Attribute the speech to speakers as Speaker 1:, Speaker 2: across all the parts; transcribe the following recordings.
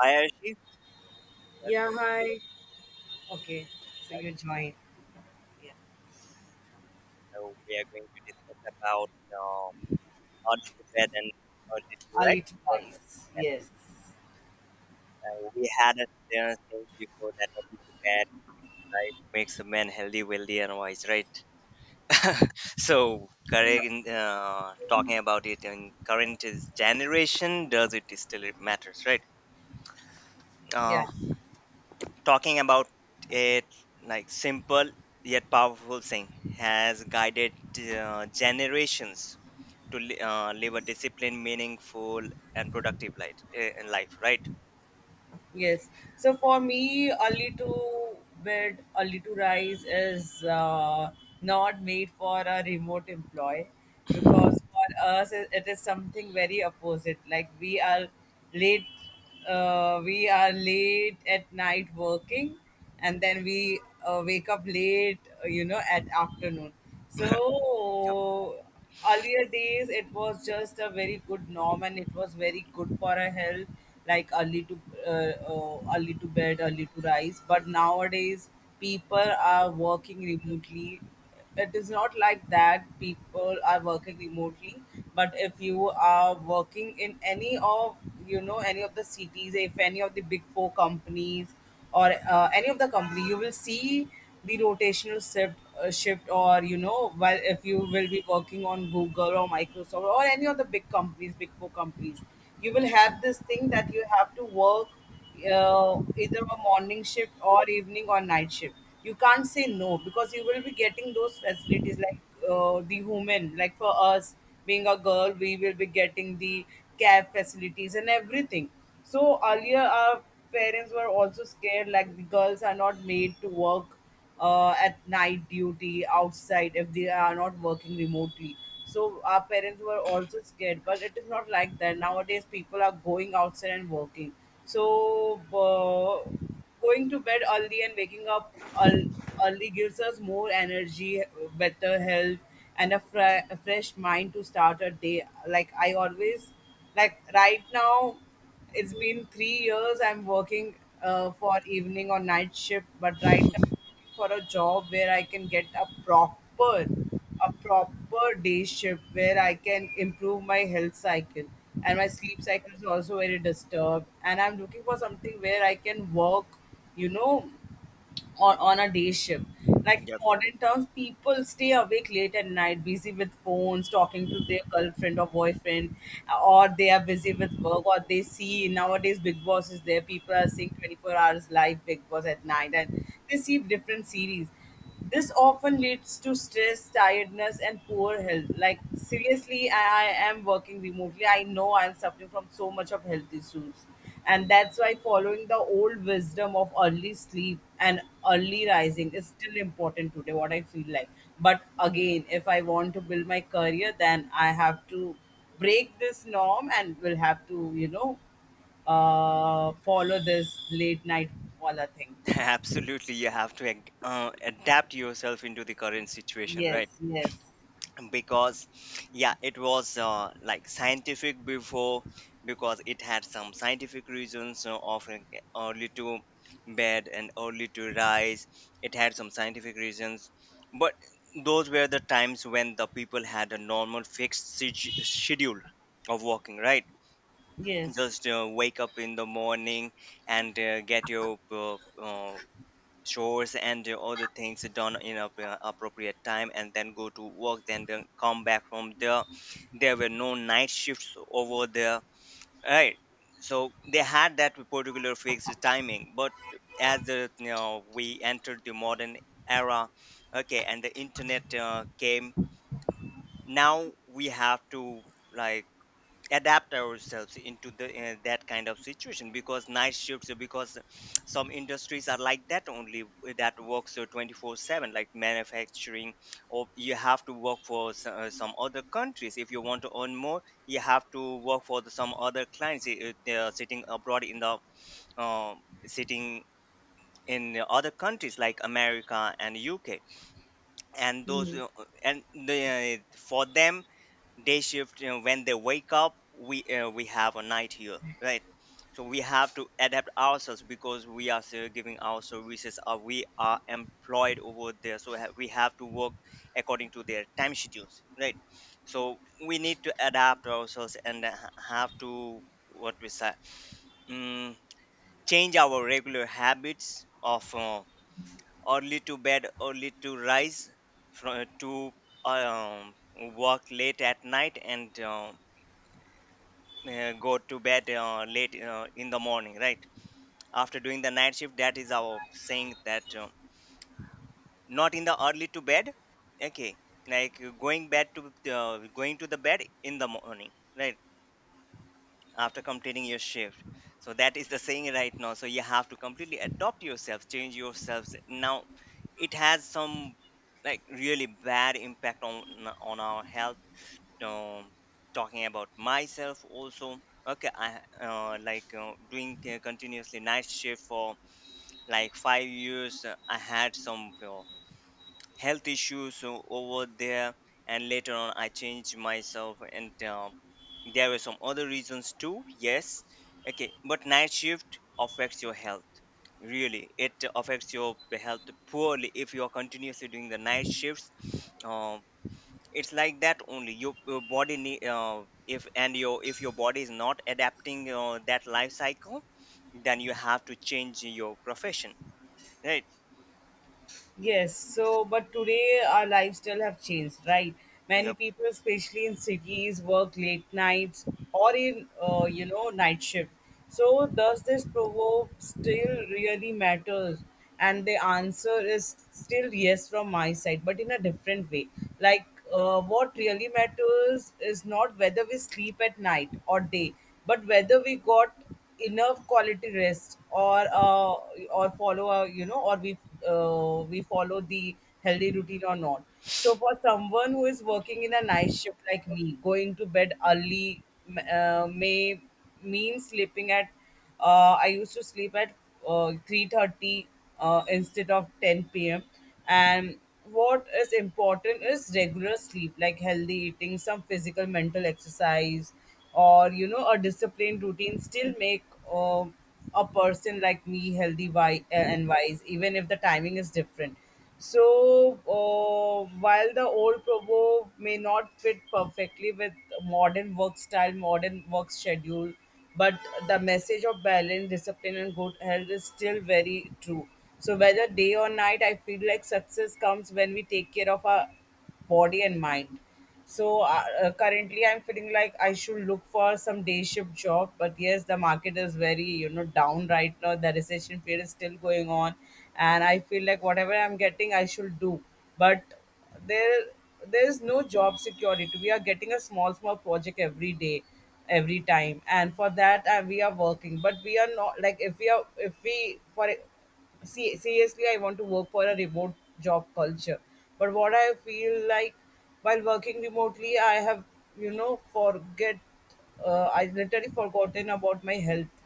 Speaker 1: Hi, Arshi. Welcome
Speaker 2: Yeah, hi. Okay, so
Speaker 1: back.
Speaker 2: you join. Yeah.
Speaker 1: So we are going to discuss about early to bed and early to
Speaker 2: Early
Speaker 1: rest.
Speaker 2: to
Speaker 1: Because,
Speaker 2: rise. Yes.
Speaker 1: we had a thing before that early to bed, right? Makes a man healthy, wealthy, and wise, right? Talking about it in current is generation, does it still it matters, right? Uh,
Speaker 2: Yeah,
Speaker 1: talking about it like simple yet powerful thing has guided generations to live a disciplined, meaningful, and productive life, right?
Speaker 2: yes. So for me, early to bed, early to rise is not made for a remote employee because for us it is something very opposite. Like late, we are late at night working, and then we wake up late, at afternoon.
Speaker 1: Yep.
Speaker 2: So earlier days, it was just a very good norm, and it was very good for our health, like early to bed, early to rise. But nowadays, people are working remotely. It is not like that. People are working remotely, but if you are working in any of any of the cities, if any of the big four companies or any of the company you will see the rotational shift, or you know, while if you will be working on Google or Microsoft or any of the big companies, big four companies, you will have this thing that you have to work either a morning shift or evening or night shift. You can't say no, because you will be getting those facilities like the human, like for us, being a girl, we will be getting the cab facilities and everything. So earlier, our parents were also scared, like the girls are not made to work at night duty outside if they are not working remotely. So our parents were also scared, but it is not like that nowadays. People are going outside and working. So going to bed early and waking up earl- early gives us more energy, better health, and a fresh mind to start a day. Like I always, like right now, it's been 3 years I'm working for evening or night shift, but right now I'm looking for a job where I can get a proper day shift where I can improve my health cycle, and my sleep cycle is also very disturbed. And I'm looking for something where I can work, you know, on a day shift. Like in
Speaker 1: Yep.
Speaker 2: modern terms, people stay awake late at night, busy with phones, talking to their girlfriend or boyfriend, or they are busy with work, or they see nowadays Big Boss is there. People are seeing 24 hours live Big Boss at night, and they see different series. This often leads to stress, tiredness, and poor health. Like, seriously, I am working remotely. I know I'm suffering from so much of health issues. And that's why following the old wisdom of early sleep and early rising is still important today, what I feel like. But again, if I want to build my career, then I have to break this norm and will have to, follow this late night wala thing.
Speaker 1: Absolutely, you have to adapt yourself into the current situation,
Speaker 2: Yes,
Speaker 1: right?
Speaker 2: yes,
Speaker 1: Because, yeah, it was like scientific before because it had some scientific reasons of early to bed and early to rise. It had some scientific reasons, but those were the times when the people had a normal fixed schedule of working, right?
Speaker 2: yes.
Speaker 1: Just wake up in the morning and get your chores and your other things done in a appropriate time and then go to work then come back from there. There were no night shifts over there, right? So they had that particular fixed timing, but as the, we entered the modern era. Okay, and the internet came. Now we have to like adapt ourselves into the that kind of situation, because night shifts, because some industries are like that only, that works 24/7, like manufacturing. Or you have to work for some other countries. If you want to earn more, you have to work for the, some other clients, sitting abroad in the um sitting in the other countries like America and UK. and those uh, and for them day shift, you know, when they wake up, we have a night here, right? So we have to adapt ourselves, because we are still giving our services or we are employed over there, so we have to work according to their time schedules, right? So we need to adapt ourselves and have to, what we say, mm, change our regular habits of early to bed early to rise from, to um, work late at night and go to bed late in the morning, right? After doing the night shift, that is our saying, that not in the early to bed. Okay, like going to the bed in the morning, right, after completing your shift. So that is the saying right now, so you have to completely adopt yourself, change yourselves now. It has some like really bad impact on our health. um, talking about myself also. Okay, I like doing continuously night shift for like five years. I had some health issues over there, and later on I changed myself and there were some other reasons too, yes. Okay, but night shift affects your health, really. It affects your health poorly if you are continuously doing the night shifts. Um it's like that only. Your body need, if, and your, if your body is not adapting that life cycle, then you have to change your profession, right?
Speaker 2: Yes, so but today our lifestyle have changed, right? Many
Speaker 1: Yep.
Speaker 2: people, especially in cities, work late nights or in night shift. So does this provoke still really matters? And the answer is still yes from my side, but in a different way. Like what really matters is not whether we sleep at night or day, but whether we got enough quality rest, or follow a, or we follow the healthy routine or not. So for someone who is working in a night shift like me, going to bed early may mean sleeping at I used to sleep at 3:30 instead of 10 p.m. And what is important is regular sleep, like healthy eating, some physical mental exercise, or you know, a disciplined routine, still make uh, a person like me healthy and wise, even if the timing is different. So while the old proverb may not fit perfectly with modern work style, modern work schedule, but the message of balance, discipline, and good health is still very true. So whether day or night, I feel like success comes when we take care of our body and mind. So currently I'm feeling like I should look for some day shift job, but yes, the market is very, you know, down right now. The recession period is still going on, and I feel like whatever I'm getting, I should do. But there there is no job security. We are getting a small small project every day, every time, and for that we are working, but we are not like if we are if we for, see seriously, I want to work for a remote job culture. But what I feel like, while working remotely, I have, you know forget I literally forgotten about my health.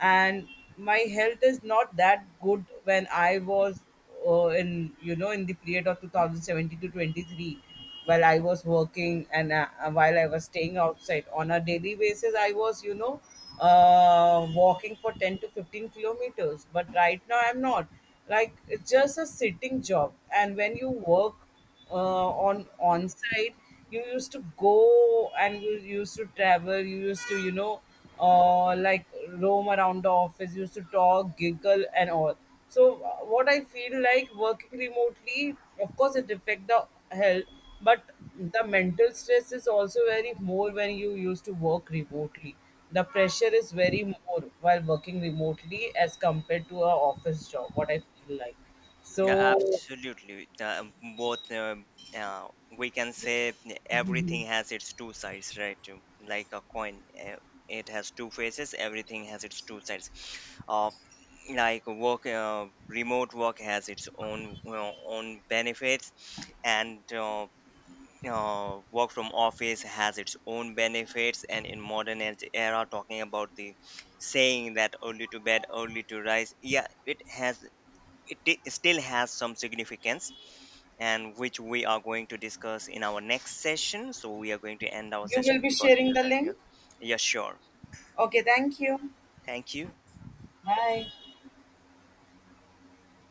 Speaker 2: And my health is not that good. When I was in, in the period of 2017 to 23, while I was working, and while I was staying outside on a daily basis, I was, walking for 10 to 15 kilometers, but right now I'm not. Like it's just a sitting job. And when you work on site, you used to go and you used to travel, you used to, like roam around the office. You used to talk, giggle, and all. So what I feel like, working remotely, of course it affect the health. But the mental stress is also very more when you used to work remotely. The pressure is very more while working remotely as compared to a office job, what I feel like.
Speaker 1: Yeah,
Speaker 2: So
Speaker 1: absolutely. Both, uh, uh, we can say everything has its two sides, right? Like a coin, it has two faces. Everything has its two sides. Uh, like work, remote work has its own own benefits, and you work from office has its own benefits. And in modern era, talking about the saying that early to bed early to rise, yeah, it has, it still has some significance, and which we are going to discuss in our next session. So we are going to end our
Speaker 2: you will
Speaker 1: session
Speaker 2: be
Speaker 1: because we
Speaker 2: sharing
Speaker 1: are
Speaker 2: the
Speaker 1: currently,
Speaker 2: link?
Speaker 1: yeah, sure.
Speaker 2: Okay, thank you.
Speaker 1: Thank you.
Speaker 2: Bye.